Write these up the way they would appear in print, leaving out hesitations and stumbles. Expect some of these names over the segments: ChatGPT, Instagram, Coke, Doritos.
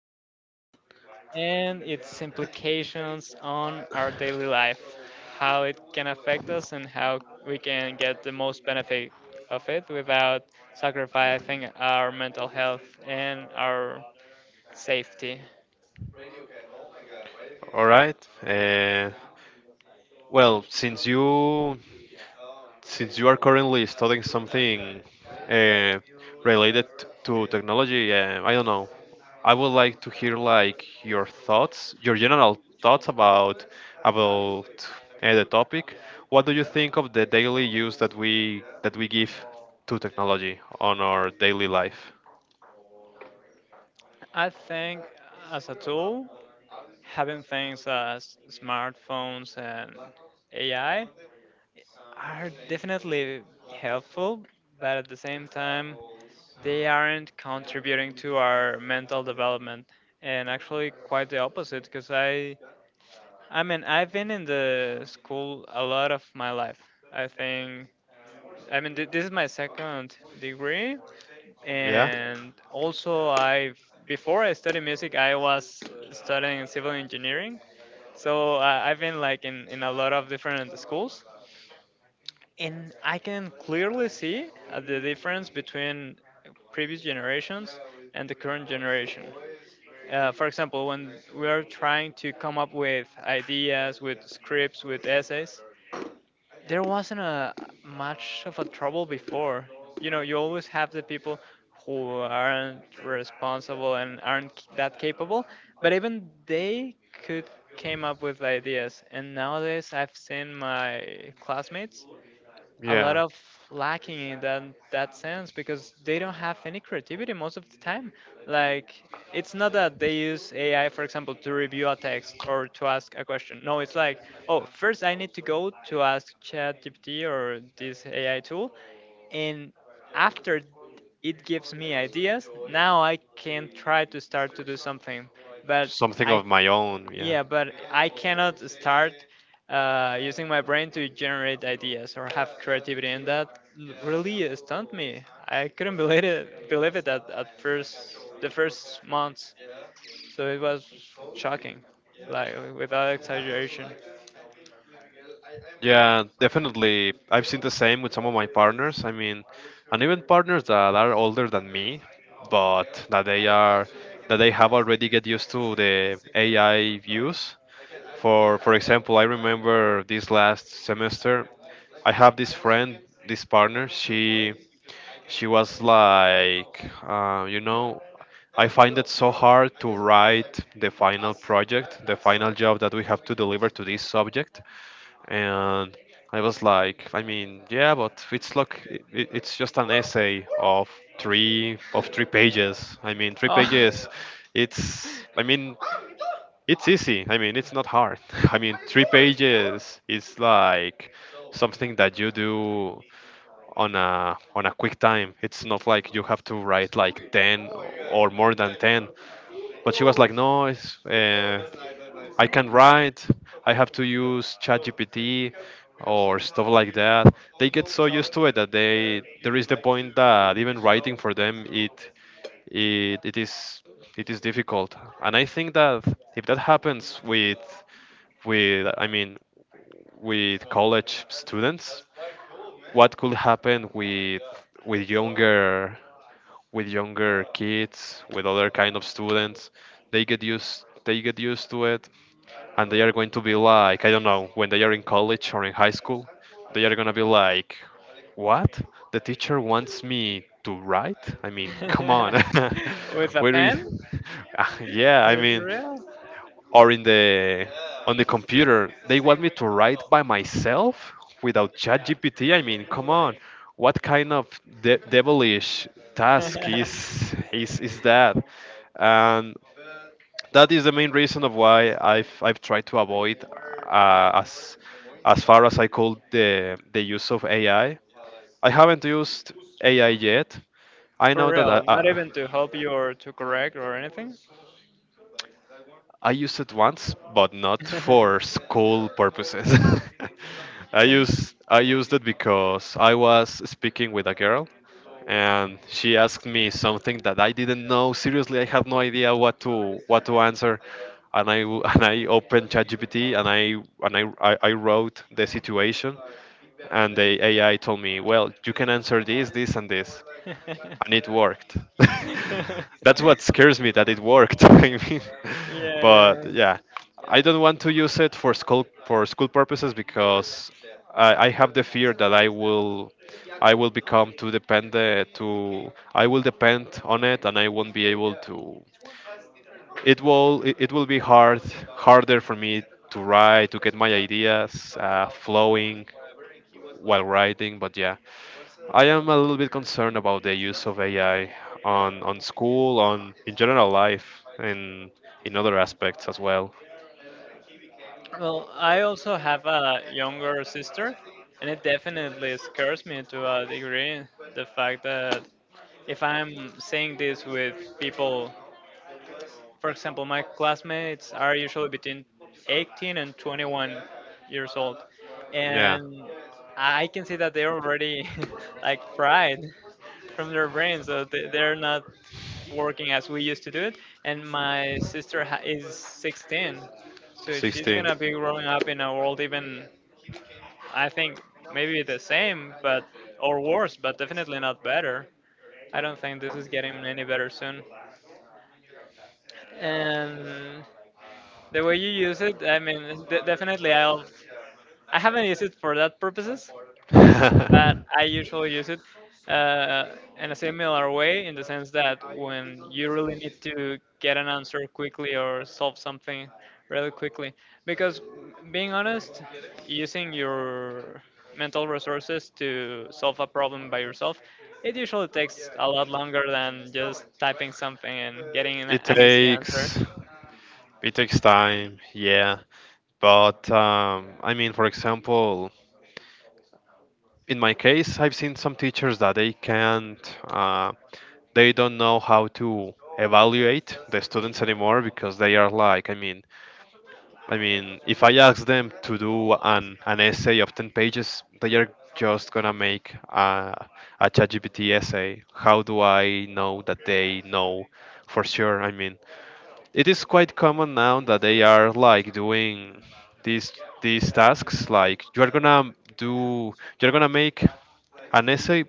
technology and its implications on our daily life, how it can affect us, and how we can get the most benefit of it without sacrificing our mental health and our safety. All right. Uh, well, since you since you are currently studying something uh, related to technology, I don't know. I would like to hear like your thoughts, your general thoughts about the topic. What do you think of the daily use that we give to technology on our daily life? I think as a tool, having things as smartphones and AI are definitely helpful, but at the same time, they aren't contributing to our mental development and actually quite the opposite because I mean I've been in the school a lot of my life. I think I mean this is my second degree, Yeah. and also I have, before I studied music I was studying civil engineering. So I've been like in a lot of different schools, and I can clearly see the difference between previous generations and the current generation. For example, when we are trying to come up with ideas, with scripts, with essays, there wasn't a much of a trouble before. You know, you always have the people who aren't responsible and aren't that capable, but even they could came up with ideas. And nowadays I've seen my classmates a lot Yeah. of lacking in that sense because they don't have any creativity most of the time. Like, it's not that they use AI, for example, to review a text or to ask a question. No, it's like, oh, first I need to go to ask ChatGPT or this AI tool, and after it gives me ideas, now I can try to start to do something. But Something I, of my own. Yeah. yeah, but I cannot start using my brain to generate ideas or have creativity, and that really stunned me. I couldn't believe it at first, the first months. So it was shocking, like without exaggeration. Yeah, definitely. I've seen the same with some of my partners. I mean, and even partners that are older than me, but that they have already get used to the AI use. For example, I remember this last semester, I have this friend, this partner. She was like, I find it so hard to write the final project, the final job that we have to deliver to this subject. And I was like, I mean, yeah, but it's like it's just an essay of three pages. I mean, three Oh, pages. It's I mean, it's easy. I mean, it's not hard. I mean, three pages is like something that you do on a quick time. It's not like you have to write like 10 or more than 10. But she was like, no, it's, I can write I have to use ChatGPT or stuff like that. They get so used to it that they there is the point that even writing for them it it, it is difficult. And I think that if that happens with with i mean with college students, what could happen with with younger with younger kids, with other kind of students? They get used to it, and they are going to be like, I don't know, when they are in college or in high school, they are going to be like, what? The teacher wants me to write? I mean, come on. with a Where is pen? yeah, I For mean, real? or in the on the computer, they want me to write by myself without ChatGPT. I mean, come on. What kind of devilish task is that? And that is the main reason of why I've tried to avoid uh, as as far as I could the use of AI. I haven't used AI yet. I know For that I, real, not I even to help you or to correct or anything? I used it once, but not for school purposes. I used it because I was speaking with a girl and she asked me something that I didn't know. Seriously, I had no idea what to answer. And and I opened ChatGPT, and I wrote the situation, and the AI told me, well, you can answer this, this, and this, and it worked. That's what scares me, that it worked. I mean, yeah, yeah. but yeah, I don't want to use it for school purposes because I have the fear that I will become too dependent to I will depend on it and I won't be able to. It will be hard, harder for me to write, to get my ideas flowing while writing. But yeah, I am a little bit concerned about the use of AI on school, on in general life, and in other aspects as well. Well, I also have a younger sister, and it definitely scares me to a degree, the fact that, if I'm saying this with people — for example, my classmates are usually between 18 and 21 years old, Yeah, and I can see that they're already like fried from their brains, so they're not working as we used to do it. And my sister is 16, so she's 16. gonna be growing up in a world even, I think, maybe the same, but or worse, but definitely not better. I don't think this is getting any better soon. And the way you use it, I mean, definitely I'll. I haven't used it for that purposes, but I usually use it in a similar way, in the sense that when you really need to get an answer quickly or solve something really quickly, because, being honest, using your mental resources to solve a To problem by yourself, it usually takes a lot longer than just typing something and getting It done. an easy answer. takes it takes time, yeah. But I mean, for example, in my case, I've seen some teachers that they can't, they don't know how to evaluate the students anymore because they are like, I mean, if I ask them to do an essay of 10 pages, they are just gonna make a ChatGPT essay. How do I know that they know for sure? I mean, it is quite common now that they are like doing these these tasks. Like you are gonna do, you're gonna make an essay,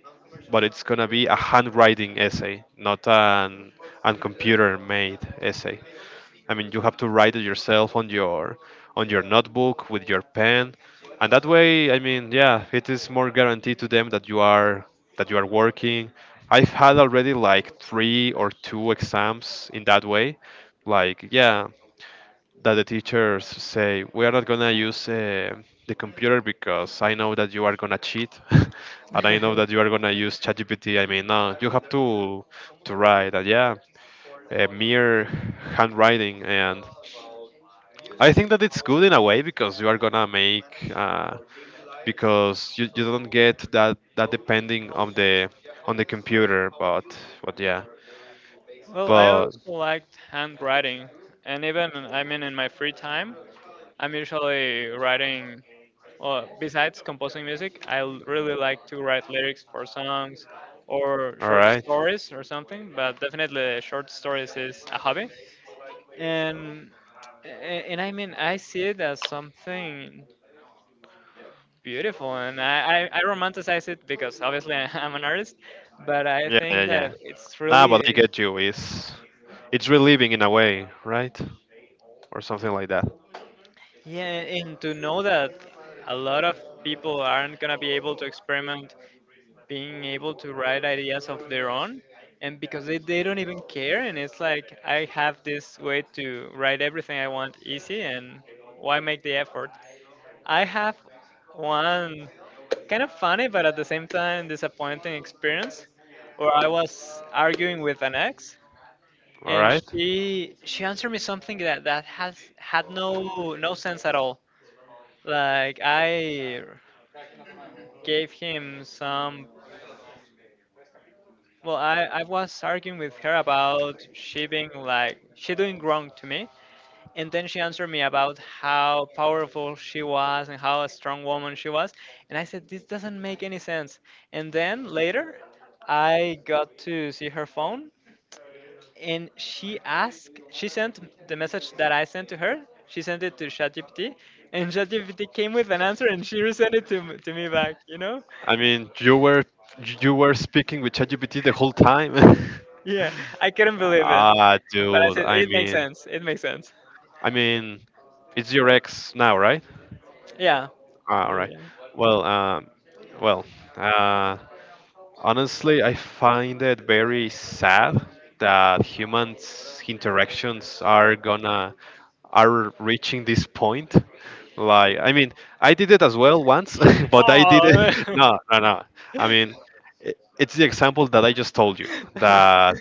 but it's gonna be a handwriting essay, not an an computer made essay. I mean, you have to write it yourself on your notebook with your pen, and that way, I mean, yeah, it is more guaranteed to them that you are working. I've had already like three or two exams in that way, like yeah, that the teachers say we are not gonna use the computer because I know that you are gonna cheat, and I know that you are gonna use ChatGPT. I mean, no, you have to write, and yeah, a mere handwriting. And I think that it's good in a way because you are gonna make uh, you don't get that that depending on the computer, but yeah, well, I but also liked handwriting, and even, I mean, in my free time I'm usually writing. Well, besides composing music, I really like to write lyrics for songs or all short right. stories or something, but definitely short stories is a hobby. And and I mean, I see it as something beautiful, and I romanticize it because obviously I'm an artist, but I Yeah, yeah, think yeah. that it's Nah, but really, I get you. It's relieving in a way, right? Or something like that. yeah, and to know that a lot of people aren't gonna be able to experiment being able to write ideas of their own, and because they don't even care, and it's like, I have this way to write everything I want easy, and why make the effort? I have one kind of funny but at the same time disappointing experience where I was arguing with an ex, All and right. She answered me something that has had no no sense at all. Like, I gave him some — well, I was arguing with her about she being like, she doing wrong to me. And then she answered me about how powerful she was and how a strong woman she was. And I said, this doesn't make any sense. And then later, I got to see her phone, and she asked, she sent the message that I sent to her. She sent it to ChatGPT, and ChatGPT came with an answer, and she resent it to, to me back, you know? I mean, you were speaking with ChatGPT the whole time. Yeah, I couldn't believe it. Ah, But I dude. said, it makes sense. It makes sense. I mean, it's your ex now, right? Yeah. Ah, all right. Yeah. Well, well, uh, honestly, I find it very sad that humans interactions are gonna are reaching this point. Like, I mean, I did it as well once, but I did it. Oh. No, no, no. I mean, it's the example that I just told you. That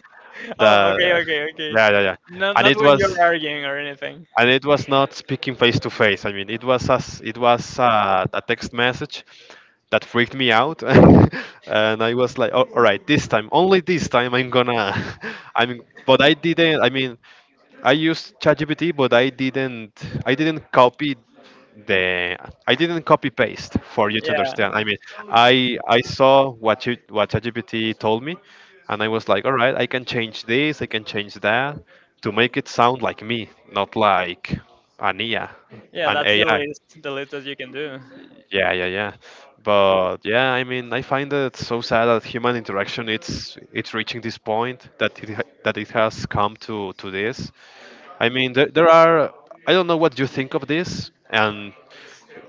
oh. Okay. that Okay. Okay. yeah, yeah, yeah. Not And not it when was you're arguing or anything. and it was not speaking face to face. I mean, it was as it was a text message that freaked me out. And I was like, oh, all right, this time, only this time I'm gonna I mean, but I didn't, I mean, I used ChatGPT, but I didn't copy the I didn't copy paste, for you to Yeah. understand. I mean, I saw what you what ChatGPT told me, and I was like, all right, I can change this, I can change that to make it sound like me, not like an ea Yeah. an That's ai. The least that you can do. Yeah, yeah, yeah. But yeah, I mean, I find it so sad that human interaction it's reaching this point that that it has come to this. I mean, there are I don't know what you think of this, and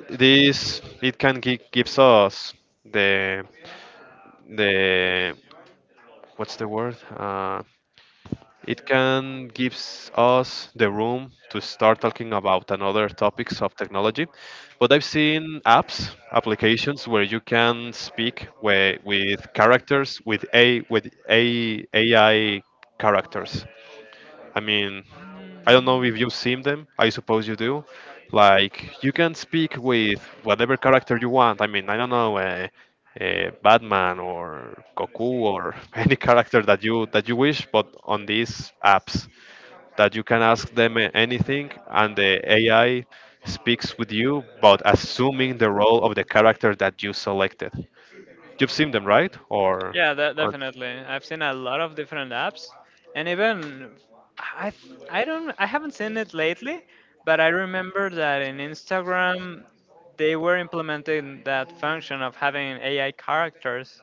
this it can gives us the the what's the word? It can gives us the room to start talking about another topics of technology. But I've seen apps, applications where you can speak where, with characters, with a AI characters. I mean, I don't Mm, know if you've seen them. I suppose you do. Like you can speak with whatever character you want. I mean, I don't know. Batman or Goku or any character that you wish, but on these apps that you can ask them anything, and the AI speaks with you but assuming the role of the character that you selected. You've seen them, right? Yeah, Or definitely. I've seen a lot of different apps, and even I I haven't seen it lately, but I remember that in Instagram they were implementing that function of having AI characters.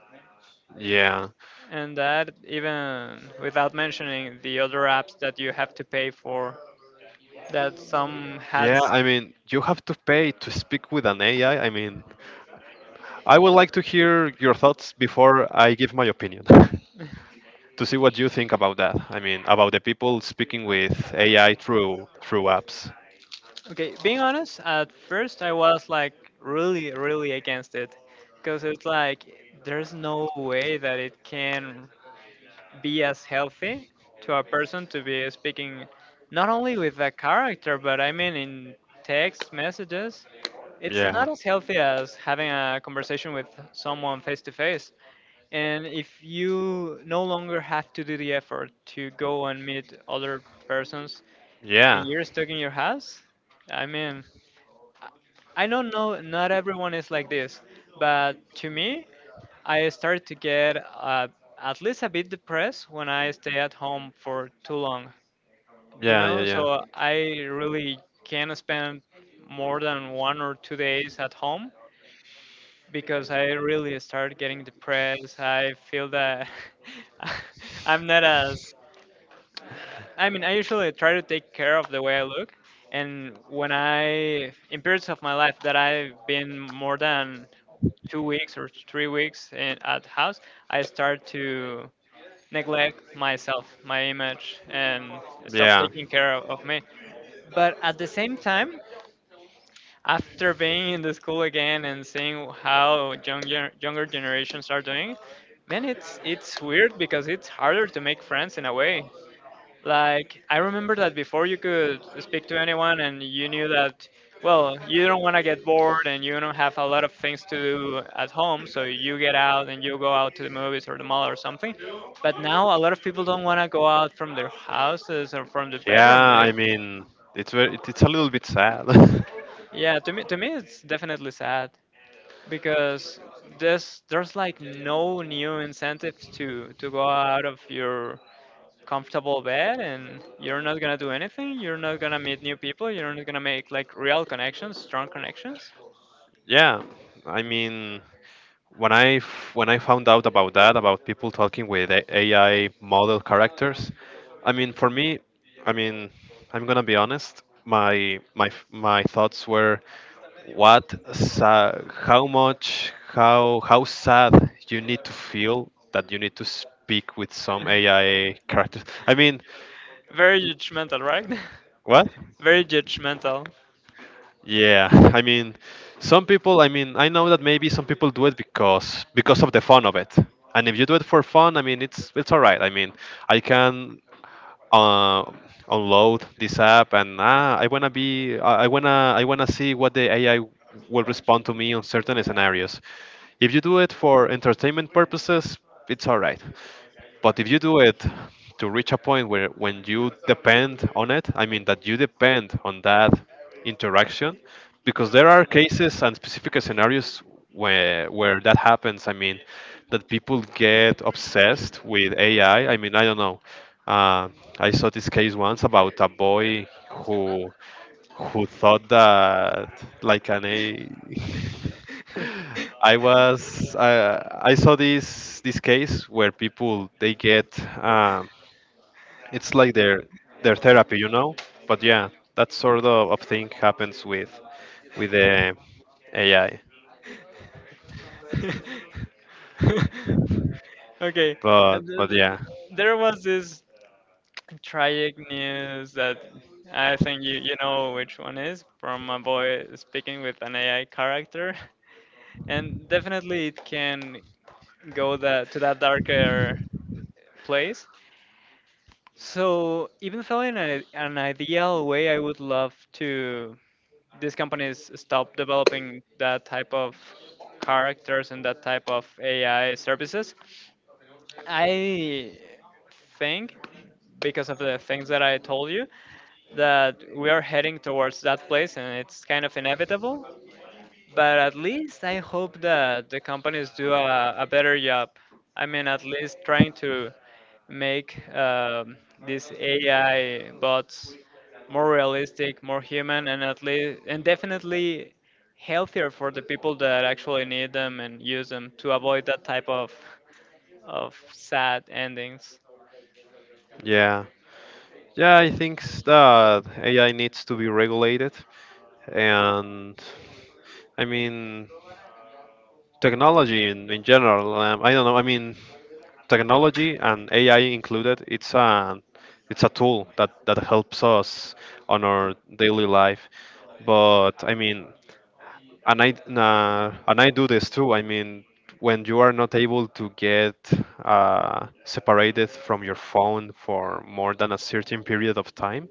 yeah. And that even without mentioning the other apps that you have to pay for, that some had. Yeah, I mean, you have to pay to speak with an AI. I mean, I would like to hear your thoughts before I give my opinion. To see what you think about that. I mean, about the people speaking with AI through through apps. Okay, being honest, at first I was like really, really against it. Because it's like, there's no way that it can be as healthy to a person to be speaking not only with a character, but I mean in text messages. It's Yeah. not as healthy as having a conversation with someone face to face. And if you no longer have to do the effort to go and meet other persons Yeah. and you're stuck in your house, I mean, I don't know, not everyone is like this, but to me, I start to get at least a bit depressed when I stay at home for too long, you Yeah, yeah, know? yeah. So I really can't spend more than 1 or 2 days at home because I really start getting depressed. I feel that I'm not as. uh, I mean, I usually try to take care of the way I look, and when I in periods of my life that I've been more than 2 weeks or 3 weeks at the house, I start to neglect myself, my image, and stop Yeah. taking care of me. But at the same time, after being in the school again and seeing how younger generations are doing, man, it's weird because it's harder to make friends in a way. Like, I remember that before, you could speak to anyone, and you knew that, well, you don't want to get bored and you don't have a lot of things to do at home, so you get out and you go out to the movies or the mall or something. But now a lot of people don't want to go out from their houses or from their Yeah, bedroom. I It's, mean, it's very, it's a little bit sad. yeah, to me it's definitely sad, because there's like no new incentives to go out of your comfortable bed, and you're not gonna do anything, you're not gonna meet new people, you're not gonna make like real connections, strong connections. Yeah, I mean, when when I found out about that, about people talking with AI model characters, I mean, for me, I mean, I'm gonna be honest. My my thoughts were, what, how much, how sad you need to feel that you need to speak with some AI characters. I mean, very judgmental, right? what? very judgmental. Yeah, I mean, some people. I mean, I know that maybe some people do it because of the fun of it. And if you do it for fun, I mean, it's all right. I mean, I can uh, unload this app and ah, I wanna be, I wanna see what the AI will respond to me on certain scenarios. If you do it for entertainment purposes, it's all right. But if you do it to reach a point where when you depend on it, I mean that you depend on that interaction, because there are cases and specific scenarios where that happens. I mean that people get obsessed with AI. I mean I don't know. Uh, I saw this case once about a boy who who thought that like an a I was I saw this case where people they get um, it's like their therapy, you know. But yeah, that sort of thing happens with the AI. okay. And th- But th- yeah, there was this tragic news that, I think you, you know which one is, from a boy speaking with an AI character, and definitely it can go that to that darker place. So even though in a, an ideal way, I would love to these companies stop developing that type of characters and that type of AI services, I think, because of the things that I told you, that we are heading towards that place and it's kind of inevitable, but at least I hope that the companies do a better job. I mean, at least trying to make these AI bots more realistic, more human, and at least and definitely healthier for the people that actually need them and use them, to avoid that type of sad endings. yeah, yeah. I think that AI needs to be regulated, and I mean technology in general. I don't know. Technology and AI included, it's a tool that helps us on our daily life. But I mean, and I do this too. I mean, when you are not able to get separated from your phone for more than a certain period of time,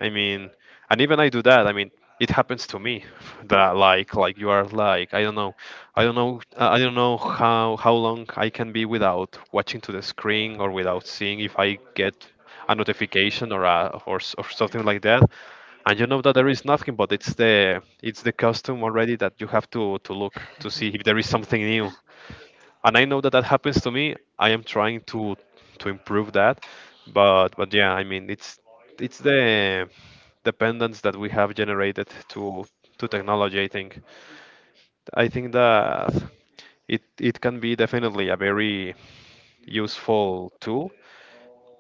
I mean, and even I do that. I mean, it happens to me that like you are like I don't know how long I can be without watching to the screen or without seeing if I get a notification or a or, s- or something like that. And you know that there is nothing, but it's the custom already that you have to look to see if there is something new. And I know that happens to me. I am trying to improve that, but yeah, I mean it's the dependence that we have generated to technology. I think that it can be definitely a very useful tool,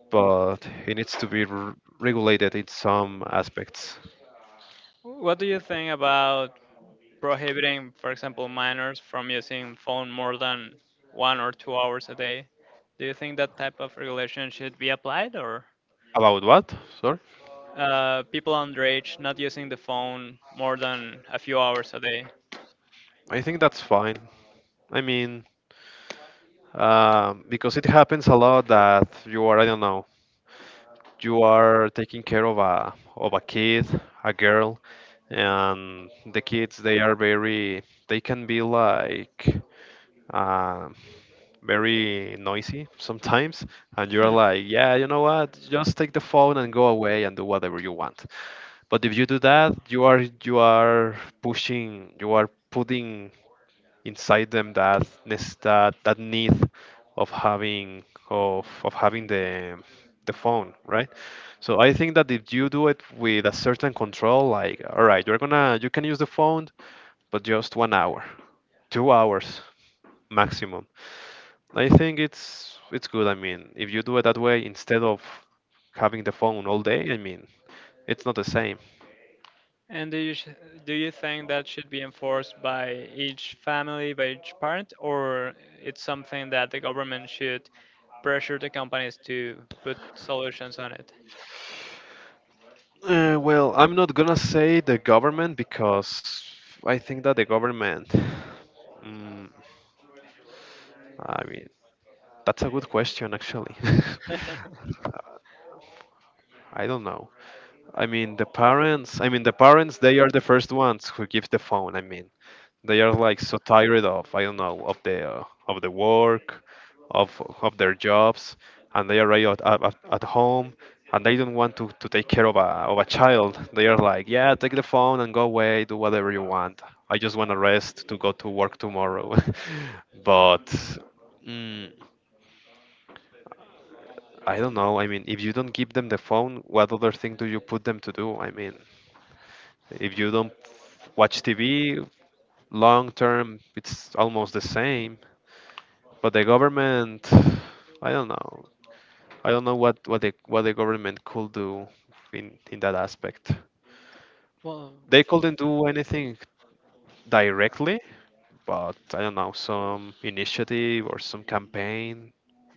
but it needs to be r regulated in some aspects. What do you think about prohibiting, for example, minors from using phone more than 1 or 2 hours a day? Do you think that type of regulation should be applied, or About what? Sorry. People underage not using the phone more than a few hours a day? I think that's fine. I mean, because it happens a lot that you are, I don't know, you are taking care of a kid, a girl, and the kids they are very, they can be like, uh, very noisy sometimes and you're Hmm. like, yeah, you know what, just take the phone and go away and do whatever you want. But if you do that, you are putting inside them that that need of having of having the phone, right? So I think that if you do it with a certain control, like, all right, you can use the phone, but just 1 hour, 2 hours maximum, I think it's good. I mean, if you do it that way instead of having the phone all day, I mean, it's not the same. And do you think that should be enforced by each family, by each parent, or it's something that the government should pressure the companies to put solutions on it? Well, I'm not gonna say the government because I think that the government. Mm, I mean, that's a good question actually. I don't know. I mean, the parents. I mean, the parents. They are the first ones who give the phone. I mean, they are like so tired of, I don't know, of the work, of their jobs, and they are right at, at home, and they don't want to take care of a child. They are like, yeah, take the phone and go away, do whatever you want. I just want to rest to go to work tomorrow. But mm, I don't know. I mean, if you don't give them the phone, what other thing do you put them to do? I mean, if you don't watch TV long term, it's almost the same. But the government, I don't know. I don't know what the government could do in that aspect. well, They couldn't do anything directly, but I don't know, some initiative or some campaign.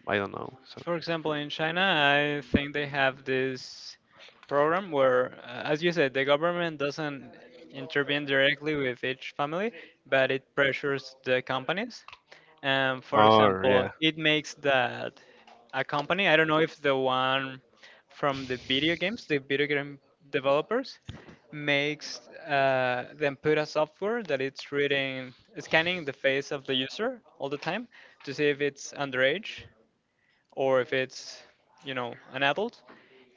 I don't know. So, for example, in China, I think they have this program where, as you said, the government doesn't intervene directly with each family, but it pressures the companies. And for or example, yeah. it makes that a company, I don't know if the one from the video games, the video game developers, makes them put a software that it's reading, scanning the face of the user all the time to see if it's underage or if it's an adult.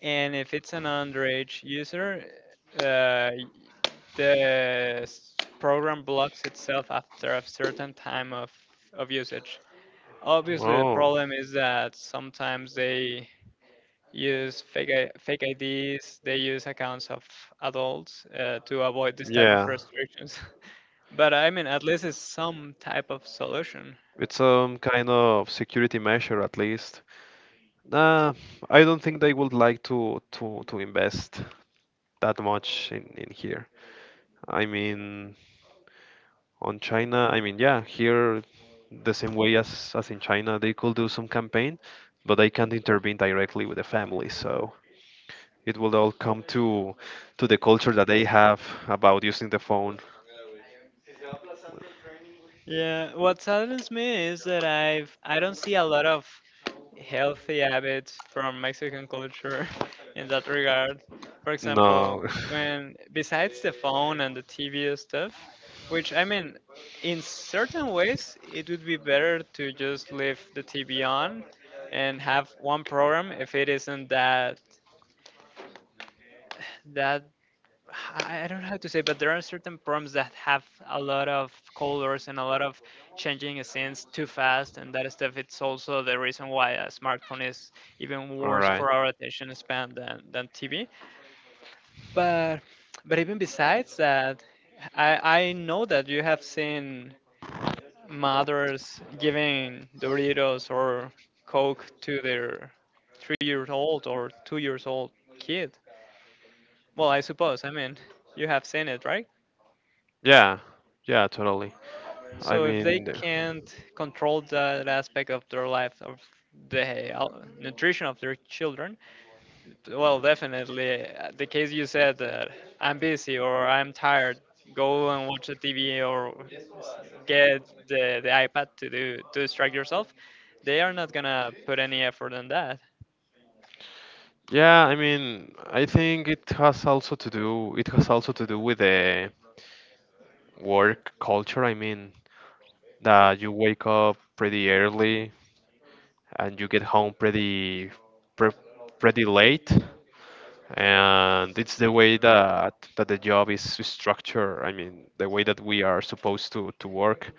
And if it's an underage user, uh, the program blocks itself after a certain time of usage. Obviously the Oh, problem is that sometimes they use fake, fake ids. They use accounts of adults to avoid this type of yeah. restrictions. But I mean, at least it's some type of solution. It's some kind of security measure at least. Uh, I don't think they would like to to invest that much in here. I mean, on China, I mean, yeah, here the same way as in China, they could do some campaign, but they can't intervene directly with the family, so it will all come to the culture that they have about using the phone. Yeah, what saddens me is that I don't see a lot of healthy habits from Mexican culture in that regard. For No. example, when besides the phone and the TV and stuff, which I mean, in certain ways, it would be better to just leave the TV on and have one program if it isn't that I don't know how to say, but there are certain prompts that have a lot of colors and a lot of changing scenes too fast, and that stuff. It's also the reason why a smartphone is even All worse right. for our attention span than TV. But even besides that, I I know that you have seen mothers giving Doritos or Coke to their 3 years old or 2 years old kid. Well, I suppose. I mean, you have seen it, right? Yeah, yeah, totally. I So if they mean, the- can't control that aspect of their life of the nutrition of their children, well, definitely the case you said that I'm busy or I'm tired, go and watch the TV or s- get the iPad to do to distract yourself. They are not gonna put any effort on that. yeah, I mean, I think it has also to do, it has also to do with the work culture. I mean, that you wake up pretty early and you get home pre pretty late, and it's the way that the job is structured. I mean, the way that we are supposed to work.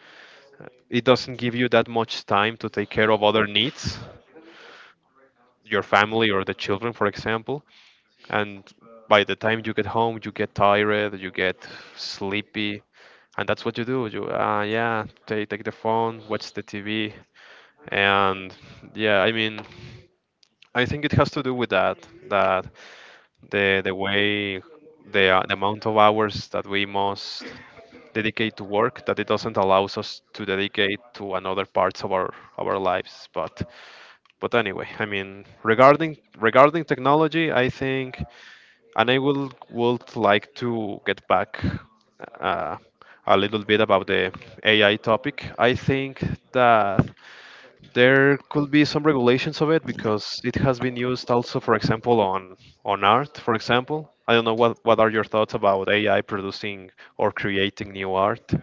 It doesn't give you that much time to take care of other needs, your family or the children, for example. And by the time you get home, you get tired, you get sleepy, and that's what you do. You, yeah, take the phone, watch the TV, and yeah, I mean, I think it has to do with that, that the the way the amount of hours that we must dedicate to work, that it doesn't allow us to dedicate to another parts of our lives. But anyway, I mean, regarding technology, I think, and I will would like to get back uh, a little bit about the AI topic. I think that there could be some regulations of it because it has been used also, for example, on art. For example, I don't know what are your thoughts about AI producing or creating new art.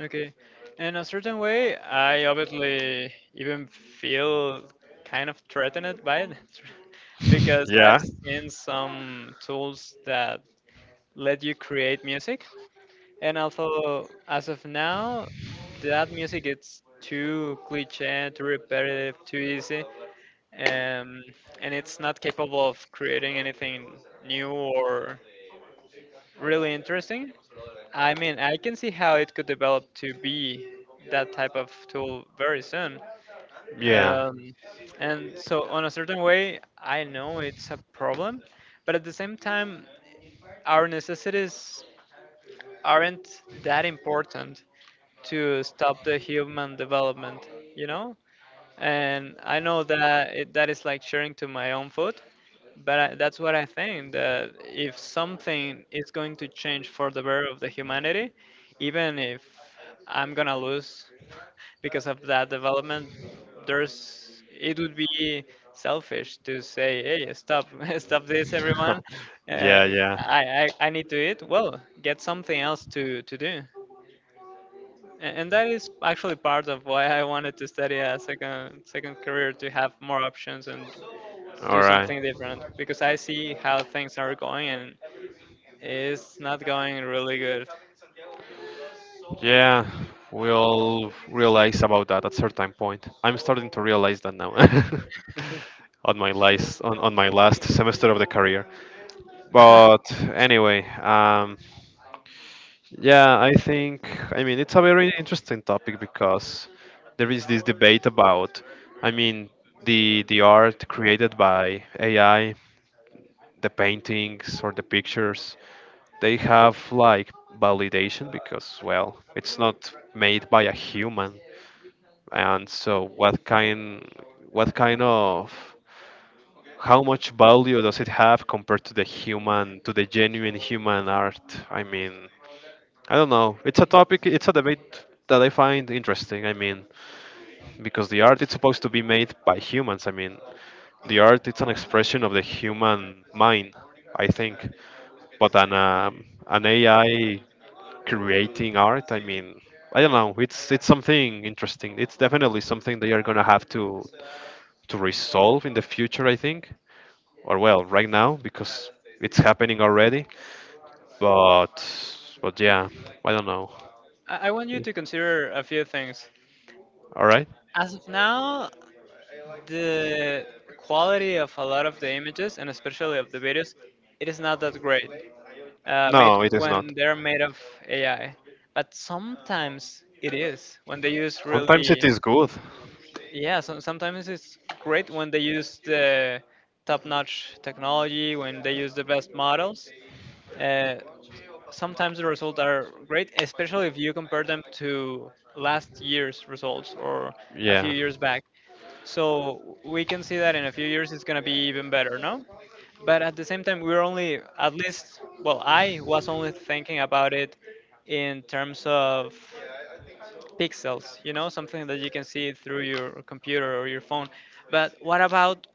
Okay. In a certain way, I obviously even feel kind of threatened by it. Because I've Yeah, seen some tools that let you create music, and although as of now, that music it's too cliche, too repetitive, too easy, um, and it's not capable of creating anything new or really interesting. I mean, I can see how it could develop to be that type of tool very soon. yeah, Um, and so, on a certain way, I know it's a problem, but at the same time, our necessities aren't that important to stop the human development, you know? And I know that it, that is like sharing to my own food, but I, that's what I think that if something is going to change for the better of the humanity, even if I'm gonna lose because of that development, there's it would be selfish to say, hey, stop, stop this, everyone. yeah, yeah. I, I need to eat. Well, get something else to do. And that is actually part of why I wanted to study a second career to have more options and do All right. something different because I see how things are going and it's not going really good. Yeah, we'll realize about that at certain point. I'm starting to realize that now. On my last on my last semester of the career. I But anyway, yeah, I think, I mean, it's a very interesting topic because there is this debate about, I mean, the art created by AI, the paintings or the pictures, they have like validation because, well, it's not made by a human. And so what kind of how much value does it have compared to the human, to the genuine human art? I mean, I don't know. It's a topic, it's a debate that I find interesting. I mean, because the art it's supposed to be made by humans. I mean, the art it's an expression of the human mind, I think. But an AI creating art, I mean, I don't know. It's something interesting. It's definitely something they are gonna have to resolve in the future, I think, or, well, right now because it's happening already. But but yeah, I don't know. I want you to consider a few things. All right? As of now, the quality of a lot of the images and especially of the videos, it is not that great. Made No, it is when not. they're made of AI. But sometimes it is when they use Sometimes it really, is good. yeah. So, sometimes it's great when they use the top-notch technology, when they use the best models. Uh, Sometimes the results are great, especially if you compare them to last year's results or a few Yeah, years back. So we can see that in a few years it's going to be even better, no? But at the same time, we're only, at least, well, I was only thinking about it in terms of pixels, you know, something that you can see through your computer or your phone. But what about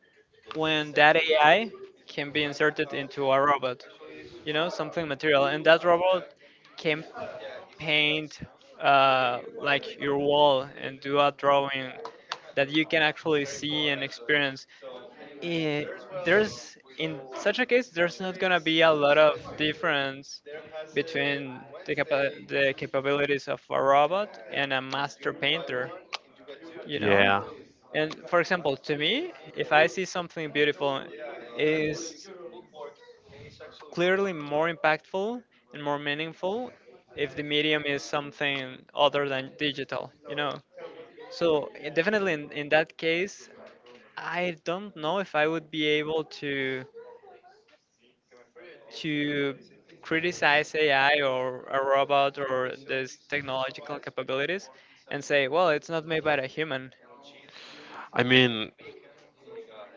when that AI can be inserted into a robot, you know, something material, and that robot can paint like your wall and do a drawing that you can actually see and experience. Eh, there's In such a case, there's not gonna be a lot of difference between the capabilities of a robot and a master painter. You know, yeah. and for example, to me, if I see something beautiful, is clearly more impactful and more meaningful if the medium is something other than digital, you know. So definitely in that case, I don't know if I would be able to to criticize AI or a robot or this technological capabilities and say, well, it's not made by a human. I mean,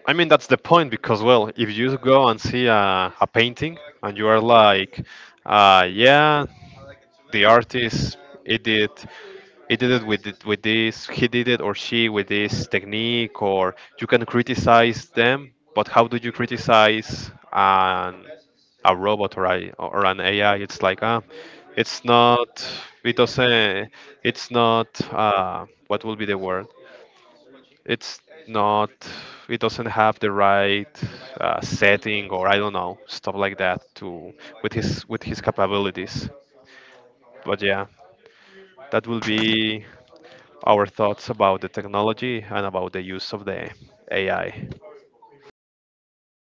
I mean that's the point because, well, if you go and see a painting and you are like, yeah, the artist it did he did it with with this, he did it, or she, with this technique, or you can criticize them, but how do you criticize an a robot or a, or an AI? It's like, ah, it's not, it doesn't, it's not, what will be the word? It's not, it doesn't have the right, setting, or I don't know, stuff like that, to with his capabilities. But yeah, that will be our thoughts about the technology and about the use of the AI.